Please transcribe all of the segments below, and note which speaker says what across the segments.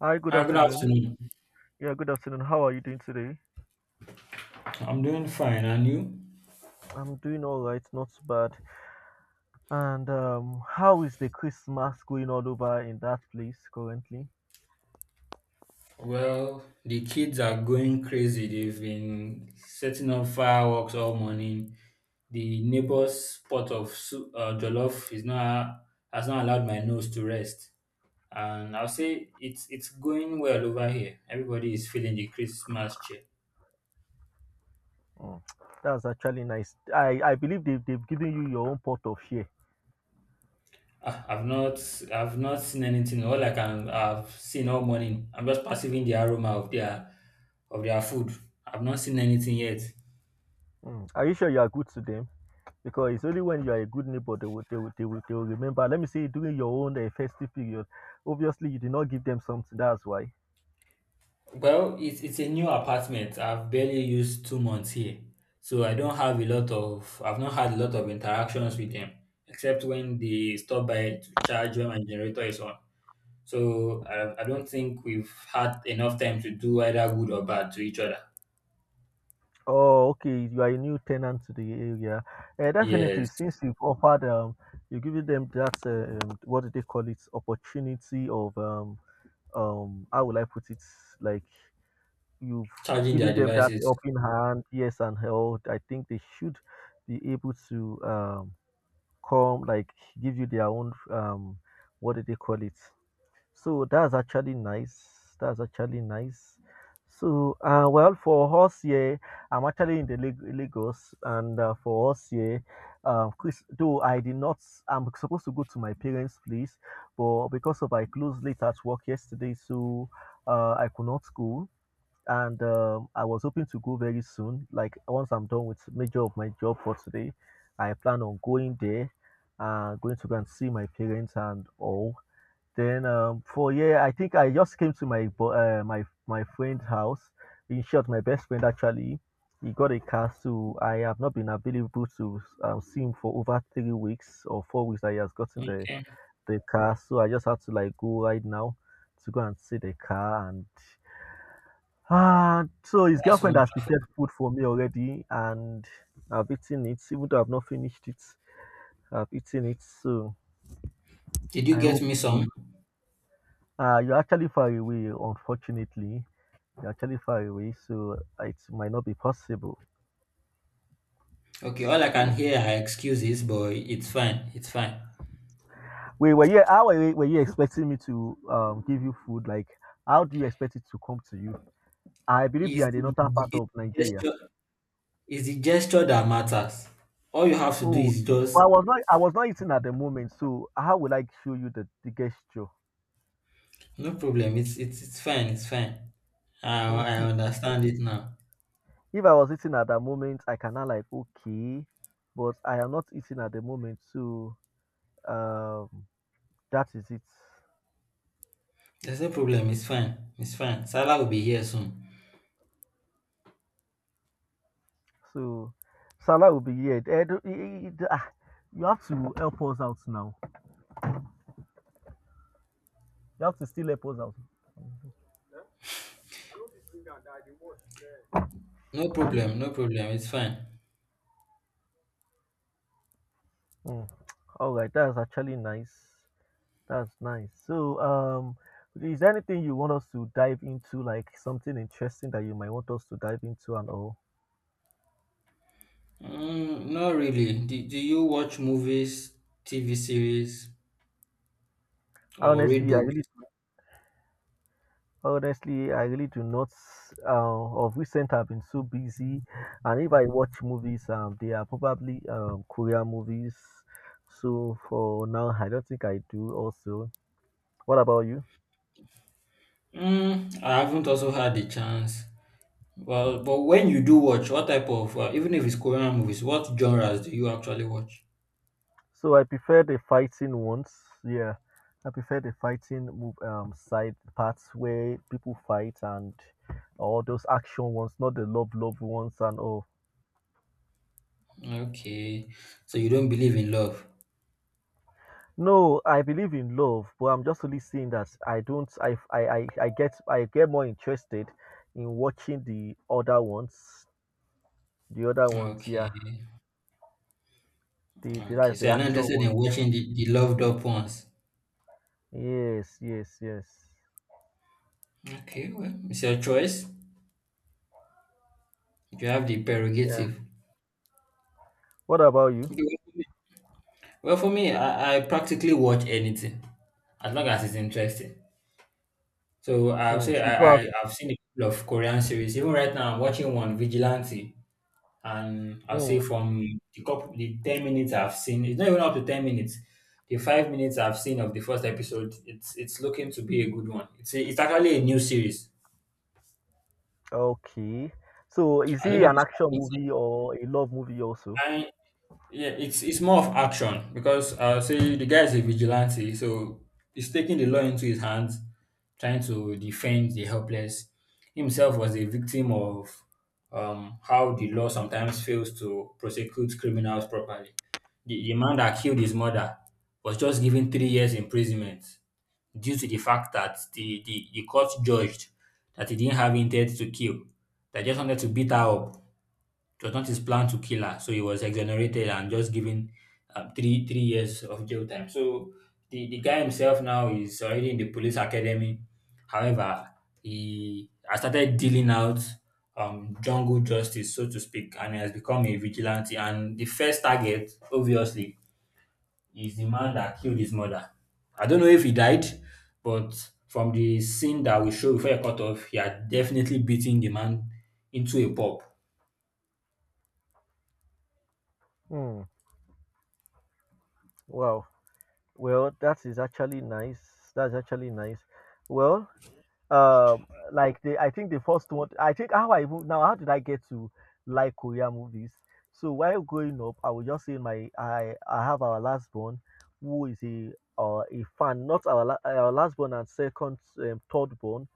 Speaker 1: Hi, good
Speaker 2: Hi, good
Speaker 1: afternoon.
Speaker 2: afternoon.
Speaker 1: Yeah, good afternoon. How are you doing today?
Speaker 2: I'm doing fine, and you?
Speaker 1: I'm doing all right, not too bad. And How is the Christmas going all over in that place currently?
Speaker 2: Well, the kids are going crazy. They've been setting up fireworks all morning. The neighbor's pot of soup, jollof is not has not allowed my nose to rest. And I'll say it's going well over here. Everybody is feeling the Christmas cheer.
Speaker 1: Mm. That's actually nice. I believe they've given you your own pot of share.
Speaker 2: Ah, I've not I've not seen anything. All I can I've seen all morning. I'm just perceiving the aroma of their food. I've not seen anything yet.
Speaker 1: Mm. Are you sure you are good to them? Because it's only when you are a good neighbor they will, they will remember. Let me say, during your own festive period, obviously you did not give them something, that's why.
Speaker 2: Well, it's a new apartment. I've barely used 2 months here, so I don't have a lot of. I've not had a lot of interactions with them, except when they stop by to charge when my generator is on. So I don't think we've had enough time to do either good or bad to each other.
Speaker 1: Oh, okay. You are a new tenant to the area. Definitely,
Speaker 2: Yes,
Speaker 1: since you've offered, you've given them that, what do they call it, opportunity of, how will I put it? Like you've
Speaker 2: charging
Speaker 1: given
Speaker 2: their
Speaker 1: them that
Speaker 2: devices.
Speaker 1: helping hand, yes, and help. I think they should be able to come, like give you their own, what do they call it? So that's actually nice. That's actually nice. So, well, for us here, I'm actually in the Lagos, and for us here, Chris, though I did not, I'm supposed to go to my parents' place, but because of I closed late at work yesterday, so I could not go, and I was hoping to go very soon. Like once I'm done with major of my job for today, I plan on going there, going to go and see my parents and all then for yeah, I think I just came to my my friend's house. In short, my best friend actually, he got a car, so I have not been available to see him for over 3 weeks or 4 weeks. That he has gotten the
Speaker 2: Okay,
Speaker 1: the car, so I just had to like go right now to go and see the car and ah. So his
Speaker 2: that's
Speaker 1: girlfriend
Speaker 2: one.
Speaker 1: has prepared food for me already, and I've eaten it. Even though I've not finished it, I've eaten it. So
Speaker 2: Did you
Speaker 1: I
Speaker 2: get
Speaker 1: hope
Speaker 2: me some?
Speaker 1: to. You're actually far away, unfortunately. You're actually far away, so it might not be possible.
Speaker 2: Okay, all I can
Speaker 1: So,
Speaker 2: hear are excuses, but it's fine. It's fine.
Speaker 1: wait, were you were you expecting me to give you food? Like, how do you expect it to come to you? I believe you are in the northern part
Speaker 2: Is the
Speaker 1: of Nigeria.
Speaker 2: gesture It's the gesture that matters. All you have to do
Speaker 1: Oh,
Speaker 2: is
Speaker 1: but
Speaker 2: just
Speaker 1: I was not eating at the moment, so how will I show you the gesture?
Speaker 2: No problem. It's fine. It's fine. I I
Speaker 1: Mhm.
Speaker 2: understand it now.
Speaker 1: If I was eating at that moment, I cannot like okay, but I am not eating at the moment, so um that is it.
Speaker 2: There's no problem. It's fine. It's fine. Salah will be here soon.
Speaker 1: So Salah will be here. Eh, eh, eh, eh, ah, you have to help us out now. You have to still help us out.
Speaker 2: No problem. No problem. It's fine.
Speaker 1: Mm. All right, that's actually nice. That's nice. So, is there anything you want us to dive into, like something interesting that you might want us to dive into and all?
Speaker 2: Mm, not really. Do you watch movies, TV series, or read
Speaker 1: Honestly, I
Speaker 2: books?
Speaker 1: really Honestly, I really do not. Of recent, I've been so busy, and if I watch movies, they are probably Korean movies. So for now, I don't think I do. Also, what about you?
Speaker 2: Mm, I haven't also had the chance. Well, but when you do watch, what type of, even if it's Korean movies, what genres do you actually watch?
Speaker 1: So I prefer the fighting ones. Yeah, I prefer the fighting move side parts where people fight and all those action ones, not the love love ones and all.
Speaker 2: Okay. So you don't believe in love?
Speaker 1: No, I believe in love, but I'm just only saying that I don't. I get I get more interested in watching the other ones. The other ones,
Speaker 2: Okay.
Speaker 1: yeah. The
Speaker 2: Okay.
Speaker 1: that's
Speaker 2: So
Speaker 1: the
Speaker 2: you're not
Speaker 1: action
Speaker 2: interested in
Speaker 1: ones.
Speaker 2: watching the loved up ones?
Speaker 1: Yes, yes, yes.
Speaker 2: Okay. Well, it's your choice. You have the
Speaker 1: Yeah.
Speaker 2: prerogative.
Speaker 1: What about you?
Speaker 2: Okay, well, for me, well, I practically watch anything as long as it's interesting. So I'll
Speaker 1: Mm,
Speaker 2: say
Speaker 1: so you do have.
Speaker 2: I've seen a couple of Korean series. Even right now, I'm watching one, Vigilante. And I'll
Speaker 1: Mm,
Speaker 2: say from the couple, the 10 minutes I've seen, it's not even up to 10 minutes. The 5 minutes I've seen of the first episode, it's looking to be a good one. It's actually a new series.
Speaker 1: okay. So is
Speaker 2: I don't
Speaker 1: he
Speaker 2: know if
Speaker 1: an
Speaker 2: it's
Speaker 1: action movie or a love movie also?
Speaker 2: completed. Yeah, it's more of action because I'll say the guy is a vigilante, so he's taking the law into his hands, trying to defend the helpless. Himself was a victim of how the law sometimes fails to prosecute criminals properly. The man that killed his mother was just given 3 years imprisonment due to the fact that the court judged that he didn't have intent to kill. They just wanted to beat her up. It was not his plan to kill her, so he was exonerated and just given three years of jail time. So the guy himself now is already in the police academy. However, he has started dealing out jungle justice, so to speak, and he has become a vigilante. And the first target, obviously, is the man that killed his mother. I don't know if he died, but from the scene that we showed before he cut off, he had definitely beaten the man into a pulp.
Speaker 1: Mm, wow. Well, that is actually nice. That's actually nice. Well, um like the I think the first one I think how I even now how did I get to like korean movies so while growing up I would just say my i have our last born who is a fan not our, our last born and second third born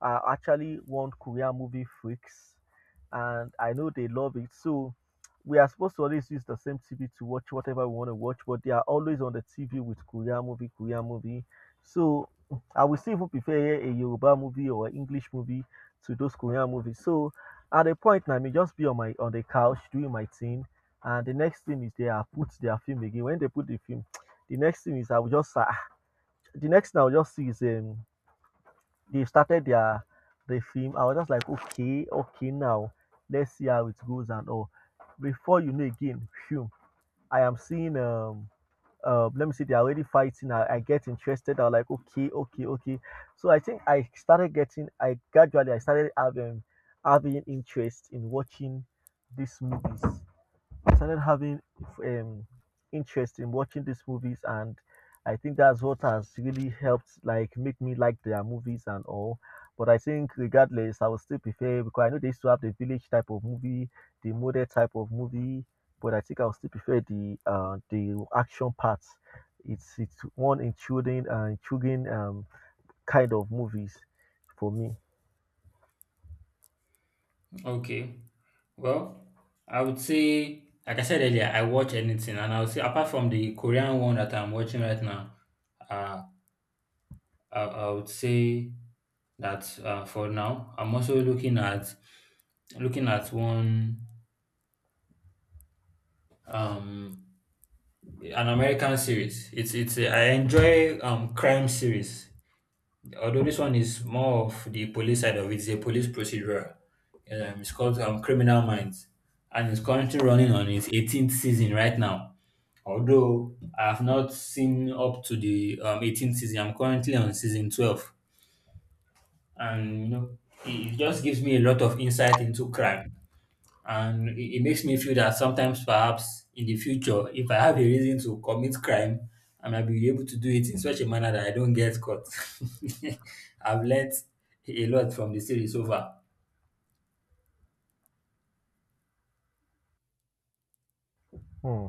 Speaker 1: are actually want Korean movie freaks, and I know they love it. So we are supposed to always use the same TV to watch whatever we want to watch, but they are always on the TV with Korean movie, Korean movie. So I will still even prefer a Yoruba movie or an English movie to those Korean movies. So at a point, I may just be on my on the couch doing my thing, and the next thing is they are put their film again. When they put the film, the next thing is I will just the next thing I will just see is they started the film. I was just like, okay, okay, now let's see how it goes and all. Before you know again, phew, I am seeing let me see, they're already fighting. I get interested. I'm like, okay, okay, okay. So I think I started I gradually I started having interest in watching these movies. I started having um, interest in watching these movies, and I think that's what has really helped, like make me like their movies and all. But I think regardless, I would still prefer because I know they used to have the village type of movie, the modern type of movie, but I think I would still prefer the action parts. It's one intriguing kind of movies for me.
Speaker 2: Okay. Well, I would say, like I said earlier, I watch anything, and I would say apart from the Korean one that I'm watching right now, uh, I would say that for now, I'm also looking at one um an American series. I enjoy crime series. Although this one is more of the police side of it, it's a police procedural. It's called Criminal Minds, and it's currently running on its 18th season right now. Although I have not seen up to the 18th season, I'm currently on season 12, and you know, it just gives me a lot of insight into crime and it makes me feel that sometimes perhaps in the future if I have a reason to commit crime, I might be able to do it in such a manner that I don't get caught. I've learnt a lot from the series so far.
Speaker 1: Hmm.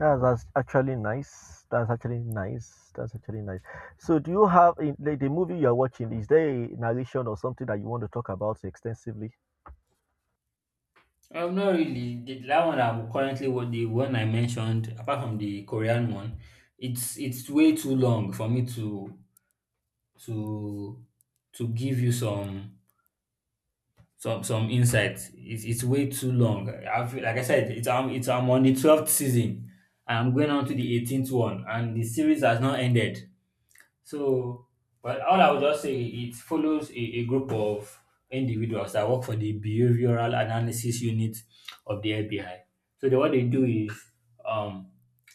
Speaker 1: Yeah, that's actually nice. That's actually nice. That's actually nice. So, do you have in like, the movie you are watching? Is there a narration or something that you want to talk about extensively?
Speaker 2: Not really, that one I'm currently what the one I mentioned, apart from the Korean one, it's way too long for me to to give you some some insights. It's way too long. I feel like I said, it's I'm on the 12th season. I'm going on to the 18th one, and the series has not ended. So, but all I would just say it follows a group of individuals that work for the behavioral analysis unit of the FBI. So what they do is um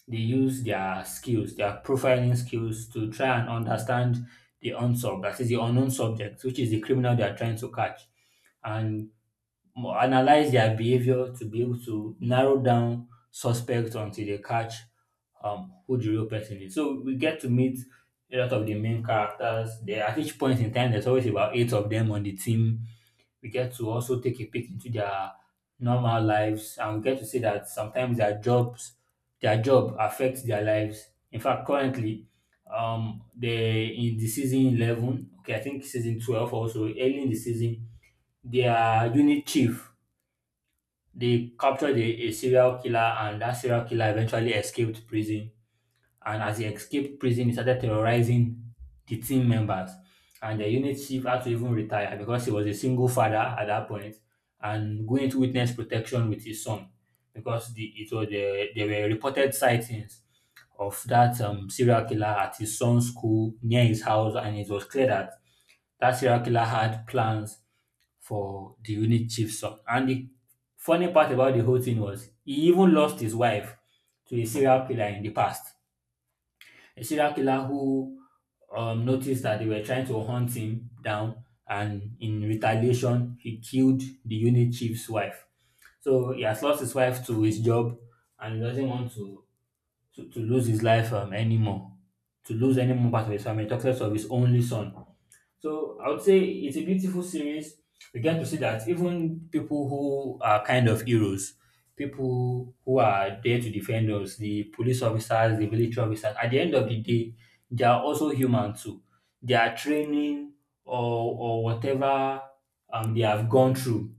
Speaker 2: they use their skills, their profiling skills to try and understand the unsolved, that is the unknown subject, which is the criminal they are trying to catch and analyze their behavior to be able to narrow down suspects until they catch who the real person is. So we get to meet a lot of the main characters. There at each point in time, there's always about eight of them on the team. We get to also take a peek into their normal lives, and we get to see that sometimes their job affects their lives. In fact, currently, they in the season 11. Okay, I think season 12 also early in the season, their unit chief they captured a serial killer, and that serial killer eventually escaped prison. And as he escaped prison, he started terrorizing the team members. And the unit chief had to even retire because he was a single father at that point and going to witness protection with his son because there were reported sightings of that serial killer at his son's school near his house, and it was clear that that serial killer had plans for the unit chief, son. And the funny part about the whole thing was he even lost his wife to a serial killer in the past. A serial killer who noticed that they were trying to hunt him down, and in retaliation, he killed the unit chief's wife. So he has lost his wife to his job, and he doesn't want to to lose his life anymore, to lose any more part of his family. Talks less of his only son. So I would say it's a beautiful series. We get to see that even people who are kind of heroes, people who are there to defend us, the police officers, the military officers, at the end of the day, they are also human too. Their training or whatever they have gone through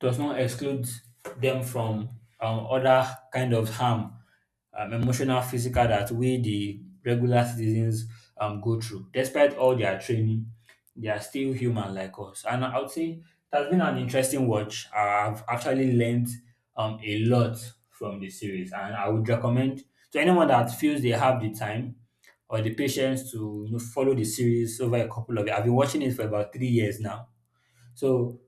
Speaker 2: does not exclude them from other kind of harm, emotional, physical, that we the regular citizens go through. Despite all their training, they are still human like us. And I would say that's been an interesting watch. I've actually learned a lot from the series, and I would recommend to anyone that feels they have the time or the patience to follow the series over a couple of years. I've been watching it for about 3 years now. So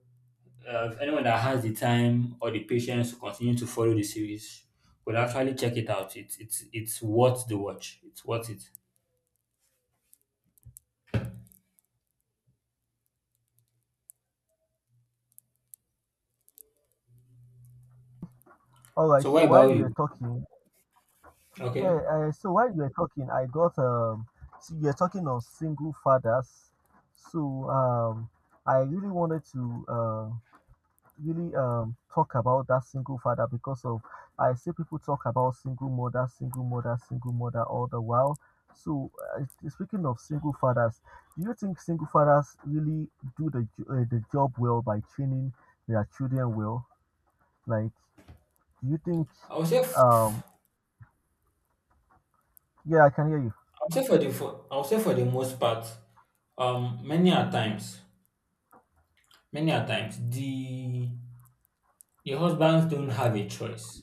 Speaker 2: if anyone that has the time or the patience to continue to follow the series would actually check it out. It's worth the watch. It's worth it.
Speaker 1: All right.
Speaker 2: So what
Speaker 1: So while you
Speaker 2: about
Speaker 1: were
Speaker 2: you?
Speaker 1: talking, yeah.
Speaker 2: Okay,
Speaker 1: So while you were talking, I got. So you're talking of single fathers. So I really wanted to um really talk about that single father because of I see people talk about single mother, single mother all the while. So speaking of single fathers, do you think single fathers really do the the job well by training their children well? Like, do you think?
Speaker 2: I would say
Speaker 1: Um,
Speaker 2: f-
Speaker 1: yeah, I can hear you.
Speaker 2: I would say for the most part, um, many a times, many a times the husbands don't have a choice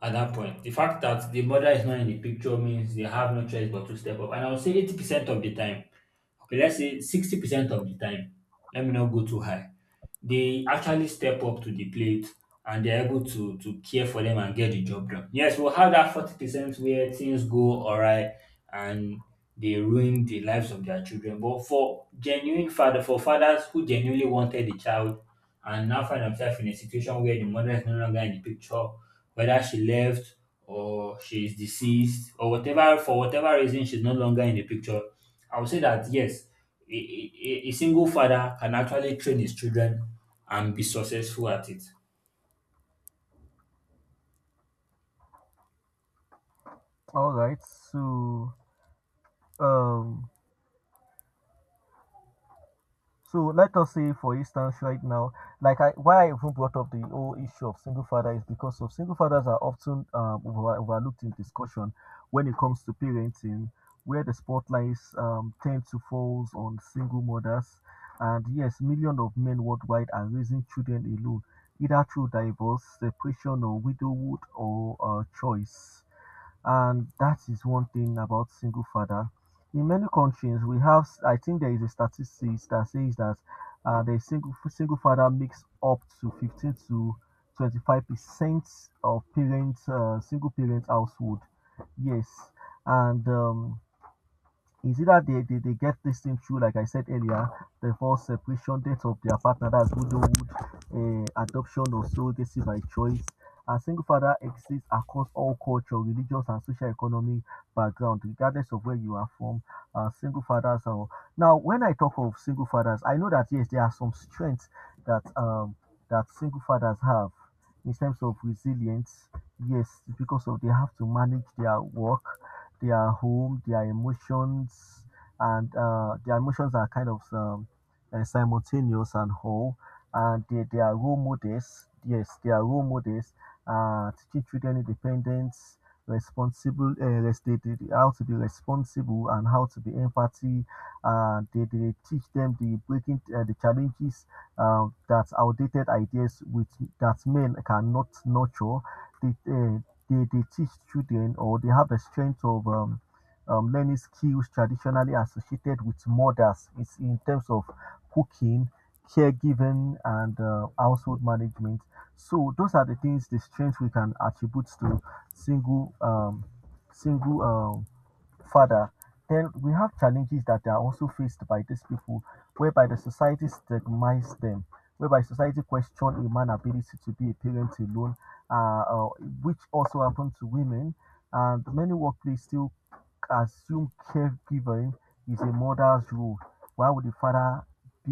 Speaker 2: at that point. The fact that the mother is not in the picture means they have no choice but to step up. And I would say 80% of the time, okay, let's say 60% of the time. Let me not go too high. They actually step up to the plate and they're able to care for them and get the job done. Yes, we'll have that 40% where things go alright, and they ruin the lives of their children. But for genuine father, for fathers who genuinely wanted the child and now find themselves in a situation where the mother is no longer in the picture, whether she left or she is deceased or whatever, for whatever reason she's no longer in the picture, I would say that yes, a single father can actually train his children and be successful at it.
Speaker 1: All right, so um. So let us say, for instance, right now, like I, why I even brought up the whole issue of single father is because of single fathers are often overlooked in discussion when it comes to parenting, where the spotlights tend to fall on single mothers. And yes, millions of men worldwide are raising children alone, either through divorce, separation, or widowhood, or choice and that is one thing about single father. In many countries, we have, I think there is a statistics that says that the single father makes up to 15 to 25% of parents, single parent household. Yes, and is either they get this thing through, like I said earlier, the divorce, separation, date of their partner, that's widowhood, adoption or surrogacy by choice. A single father exists across all cultural, religious, and socio-economic background, regardless of where you are from. Single fathers are now. When I talk of single fathers, I know that yes, there are some strengths that that single fathers have in terms of resilience. Yes, because of they have to manage their work, their home, their emotions, and their emotions are kind of simultaneous and whole. And they are role models. Yes, they are role models. Teaching children independence, they, how to be responsible and how to be empathy. They teach them the breaking the challenges that outdated ideas with that men cannot nurture. They, they teach children or they have a strength of learning skills traditionally associated with mothers it's in terms of cooking caregiving and household management so those are the things the strengths we can attribute to single single um, Further, then we have challenges that are also faced by these people, whereby the society stigmatizes them, whereby society questions a man's ability to be a parent alone, uh, uh, which also happens to women. And many workplaces still assume caregiving is a mother's role, why would the father be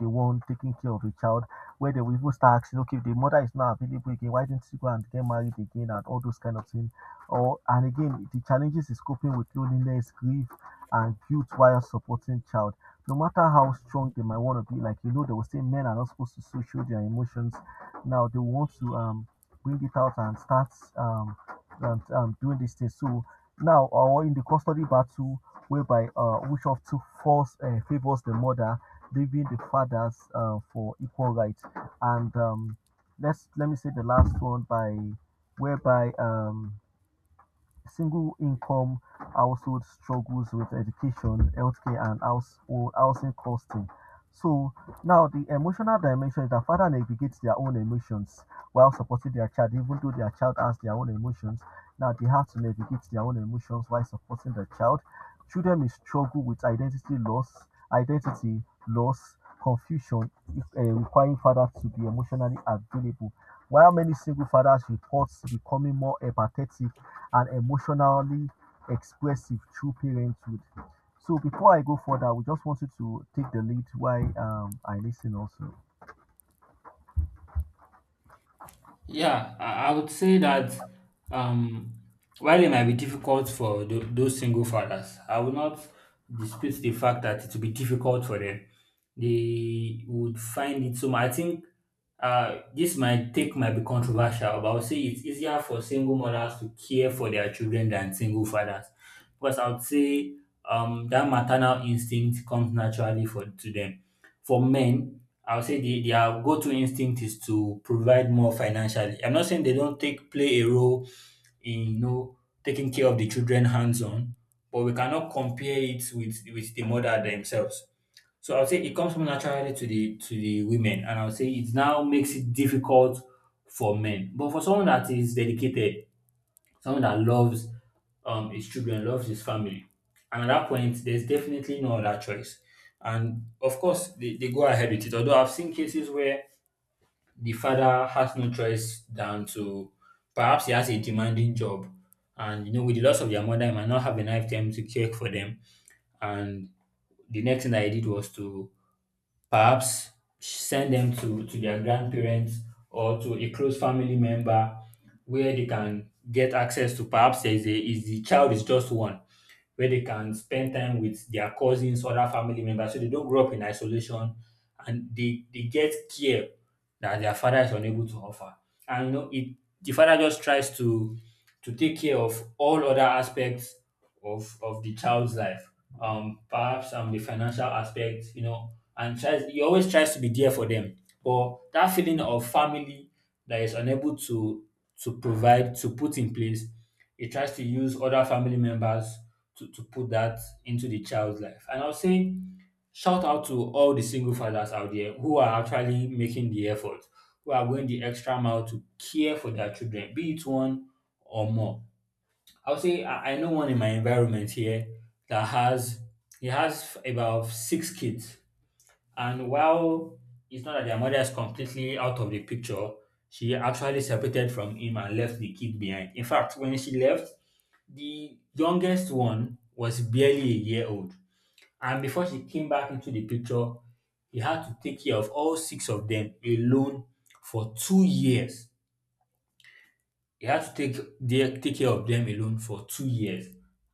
Speaker 1: the one taking care of the child? Where they will even start asking, okay, if the mother is not available again, why didn't she go and get married again and all those kind of things? Or and again, the challenges is coping with loneliness, grief, and guilt while supporting child. No matter how strong they might want to be, like you know, they will say men are not supposed to so show their emotions. Now they want to bring it out and start um, doing these things. So now, or in the custody battle, whereby Ubisoft took force favors the mother, leaving the fathers for equal rights. And let me say the last one by whereby single-income household struggles with education, healthcare and household housing costing. So now the emotional dimension is that father navigates their own emotions while supporting their child, even though their child has their own emotions. Now they have to navigate their own emotions while supporting the child. Children may struggle with identity loss, identity loss, confusion, if, requiring fathers to be emotionally available. While many single fathers report becoming more empathetic and emotionally expressive through parenthood. So before I go further, we just wanted to take the lead while I listen also.
Speaker 2: Yeah, I would say that um, while it might be difficult for those single fathers, I will not dispute the fact that it will be difficult for them. They would find it so much. I think this might be controversial, but I would say it's easier for single mothers to care for their children than single fathers, because I would say that maternal instinct comes naturally for to them. For men, I would say their go-to instinct is to provide more financially. I'm not saying they don't take play a role in taking care of the children hands-on, but we cannot compare it with the mother themselves. So I would say it comes from naturally to the women, and I would say it now makes it difficult for men. But for someone that is dedicated, someone that loves his children, loves his family. And at that point, there's definitely no other choice. And of course, they go ahead with it. Although I've seen cases where the father has no choice than to perhaps he has a demanding job. And you know, with the loss of their mother, he might not have enough time to care for them. And the next thing that he did was to perhaps send them to their grandparents or to a close family member where they can get access to perhaps there is a is the child is just one where they can spend time with their cousins, other family members so they don't grow up in isolation, and they get care that their father is unable to offer. And you know it the father just tries to take care of all other aspects of the child's life. Perhaps the financial aspect, you know, and tries, he always tries to be there for them. But that feeling of family that is unable to provide to put in place, he tries to use other family members to put that into the child's life. And I'll say shout out to all the single fathers out there who are actually making the effort, who are going the extra mile to care for their children, be it one or more. I'll say I know one in my environment here that has he has about six kids, and while it's not that their mother is completely out of the picture, she actually separated from him and left the kid behind. In fact, when she left, the youngest one was barely a year old, and before she came back into the picture, he had to take care of all six of them alone for 2 years. He had to take care of them alone for 2 years.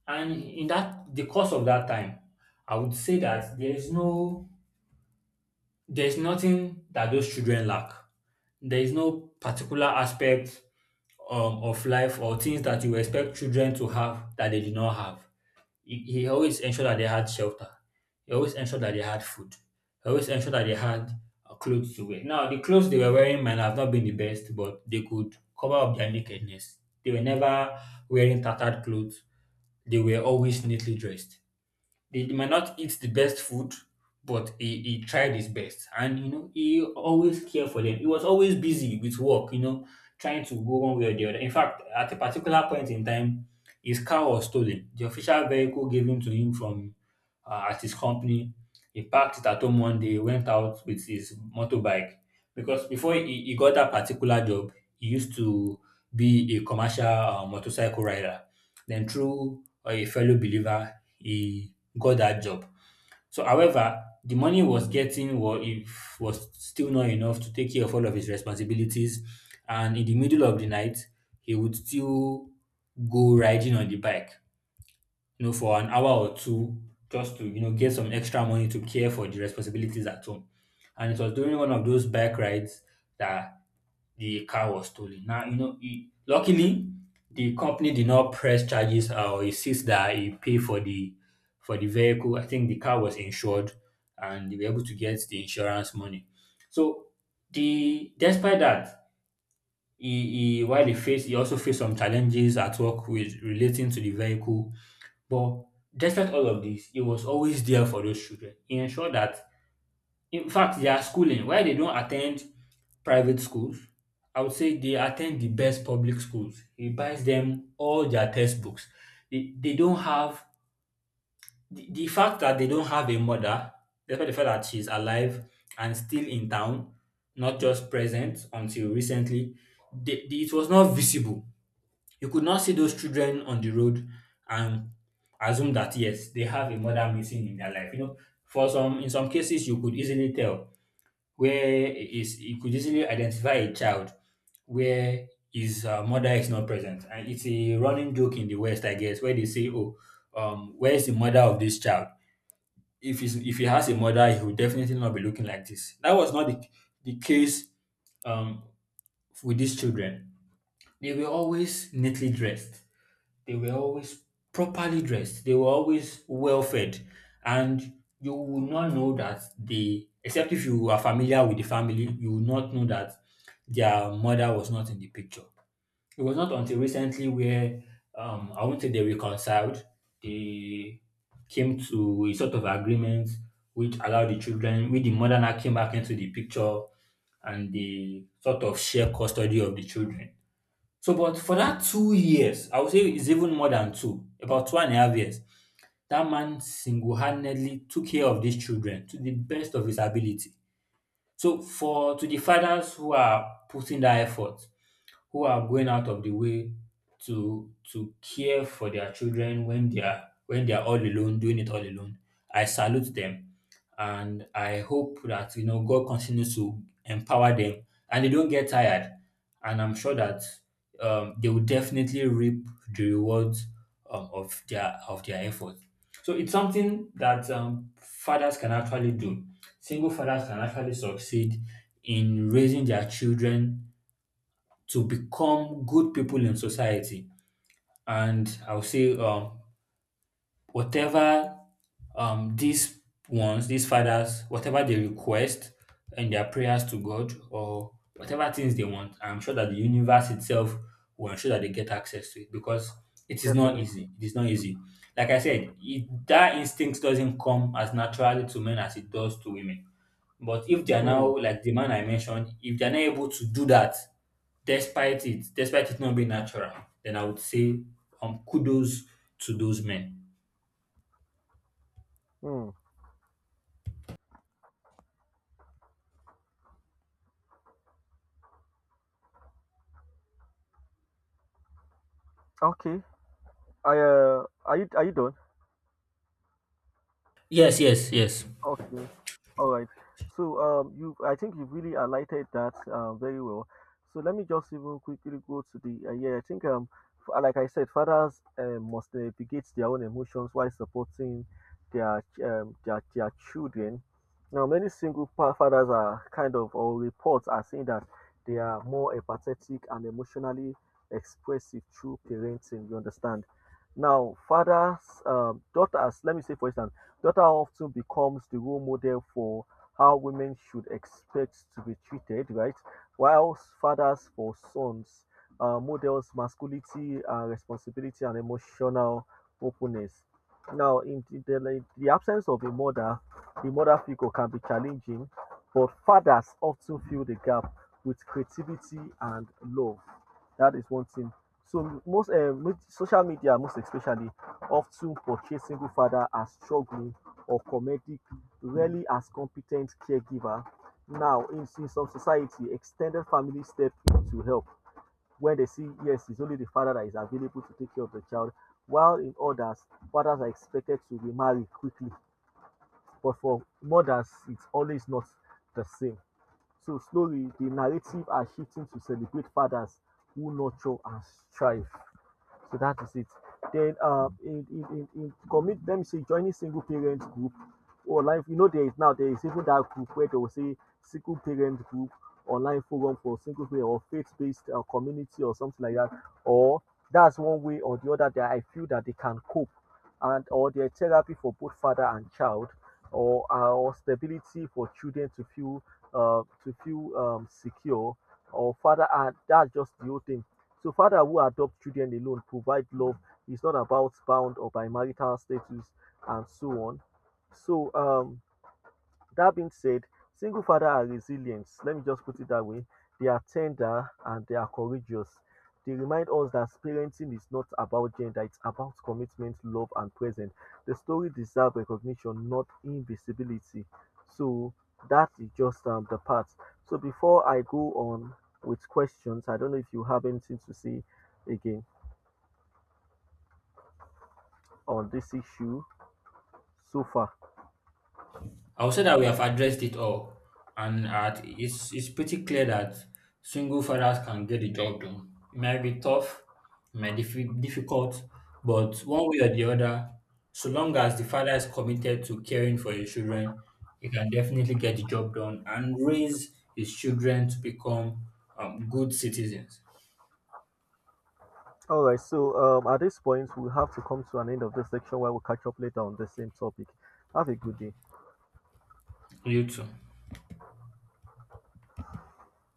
Speaker 2: And in that the course of that time, I would say that there is nothing that those children lack. There is no particular aspect of life or things that you expect children to have that they did not have. He always ensured that they had shelter. He always ensured that they had food. He always ensured that they had clothes to wear. Now, the clothes they were wearing might have not been the best, but they could cover up their nakedness. They were never wearing tattered clothes. They were always neatly dressed. They might not eat the best food, but he tried his best. And, you know, he always cared for them. He was always busy with work, you know, trying to go one way or the other. In fact, at a particular point in time, his car was stolen. The official vehicle given to him from at his company. He parked it at home one day, went out with his motorbike. Because before he got that particular job, he used to be a commercial motorcycle rider. Then, through a fellow believer, he got that job. So, however, the money was getting was if was still not enough to take care of all of his responsibilities, and in the middle of the night, he would still go riding on the bike, you know, for an hour or two, just to get some extra money to care for the responsibilities at home. And it was during one of those bike rides that the car was stolen. Now, you know, he, luckily the company did not press charges or insist that he pay for the vehicle. I think the car was insured and they were able to get the insurance money. So the despite that, he, while he faced he also faced some challenges at work with relating to the vehicle. But despite all of this, he was always there for those children. He ensured that, in fact, their schooling, why they don't attend private schools, I would say they attend the best public schools. He buys them all their textbooks. They don't have the fact that they don't have a mother, despite the fact that she's alive and still in town, not just present until recently, it was not visible. You could not see those children on the road and assume that yes, they have a mother missing in their life. You know, for some in some cases you could easily tell where is you could easily identify a child where his mother is not present. And it's a running joke in the West, I guess, where they say, "Oh, where's the mother of this child? If if he has a mother, he will definitely not be looking like this." That was not the case um, with these children. They were always neatly dressed. They were always properly dressed. They were always well fed. And you will not know that they, except if you are familiar with the family, you will not know that their mother was not in the picture. It was not until recently where I won't say they reconciled. They came to a sort of agreement which allowed the children, with the mother now came back into the picture, and they sort of share custody of the children. So, but for that 2 years, I would say it's even more than two, about two and a half years, that man single-handedly took care of these children to the best of his ability. So for to the fathers who are putting that effort, who are going out of the way to care for their children when they are all alone doing it all alone, I salute them, and I hope that, you know, God continues to empower them, and they don't get tired. And I'm sure that they will definitely reap the rewards of their efforts. So it's something that fathers can actually do. Single fathers can actually succeed in raising their children to become good people in society. And I'll say whatever these ones, these fathers, whatever they request in their prayers to God or whatever things they want, I'm sure that the universe itself will ensure that they get access to it because it is not
Speaker 1: Definitely.
Speaker 2: easy. It is not easy. Like I said, that instinct doesn't come as naturally to men as it does to women. But if they are
Speaker 1: Mm,
Speaker 2: now, like the man I mentioned, if they are not able to do that, despite despite it not being natural, then I would say kudos to those men.
Speaker 1: mm. Okay. Are you done?
Speaker 2: Yes, yes, yes.
Speaker 1: Okay. All right. So you, I think you have really highlighted that very well. So let me just even quickly go to the yeah. I think like I said, fathers must navigate their own emotions while supporting their their children. Now, many fathers are kind of or reports are saying that they are more empathetic and emotionally expressive through parenting. You understand? Now, fathers, daughters. Let me say for instance. Daughter often becomes the role model for how women should expect to be treated, right? Whilst fathers for sons models masculinity and responsibility and emotional openness. Now, in the absence of a mother, the mother figure can be challenging, but fathers often fill the gap with creativity and love. That is one thing. So most social media, most especially, often portray single fathers as struggling or comedic, rarely as competent caregiver. Now, in some society, extended family step in to help when they see yes, it's only the father that is available to take care of the child, while in others, fathers are expected to remarry quickly. But for mothers, it's always not the same. So slowly, the narrative are shifting to celebrate fathers who nurture and strive. So that is it. Then in commit, let me say, joining single parent group online. You know, there is even that group where they will say single parent group online forum for single parent or faith-based community or something like that. Or that's one way or the other that I feel that they can cope, and or their therapy for both father and child, or stability for children to feel secure or father, and that's just the whole thing. So father who adopt children alone provide love is not about bound or by marital status and so on. So that being said, single father are resilient. Let me just put it that way. They are tender and they are courageous. They remind us that parenting is not about gender, it's about commitment, love, and presence. The story deserves recognition, not invisibility. So that is just the part. So before I go on with questions, I don't know if you have anything to say again on this issue so far.
Speaker 2: I would say that we have addressed it all, and at, it's pretty clear that single fathers can get the job done. It might be tough, it might be difficult, but one way or the other, so long as the father is committed to caring for his children, he can definitely get the job done and raise his children to become good citizens.
Speaker 1: All right, so at this point, we'll have to come to an end of this section while we catch up later on the same topic. Have a good day.
Speaker 2: You too.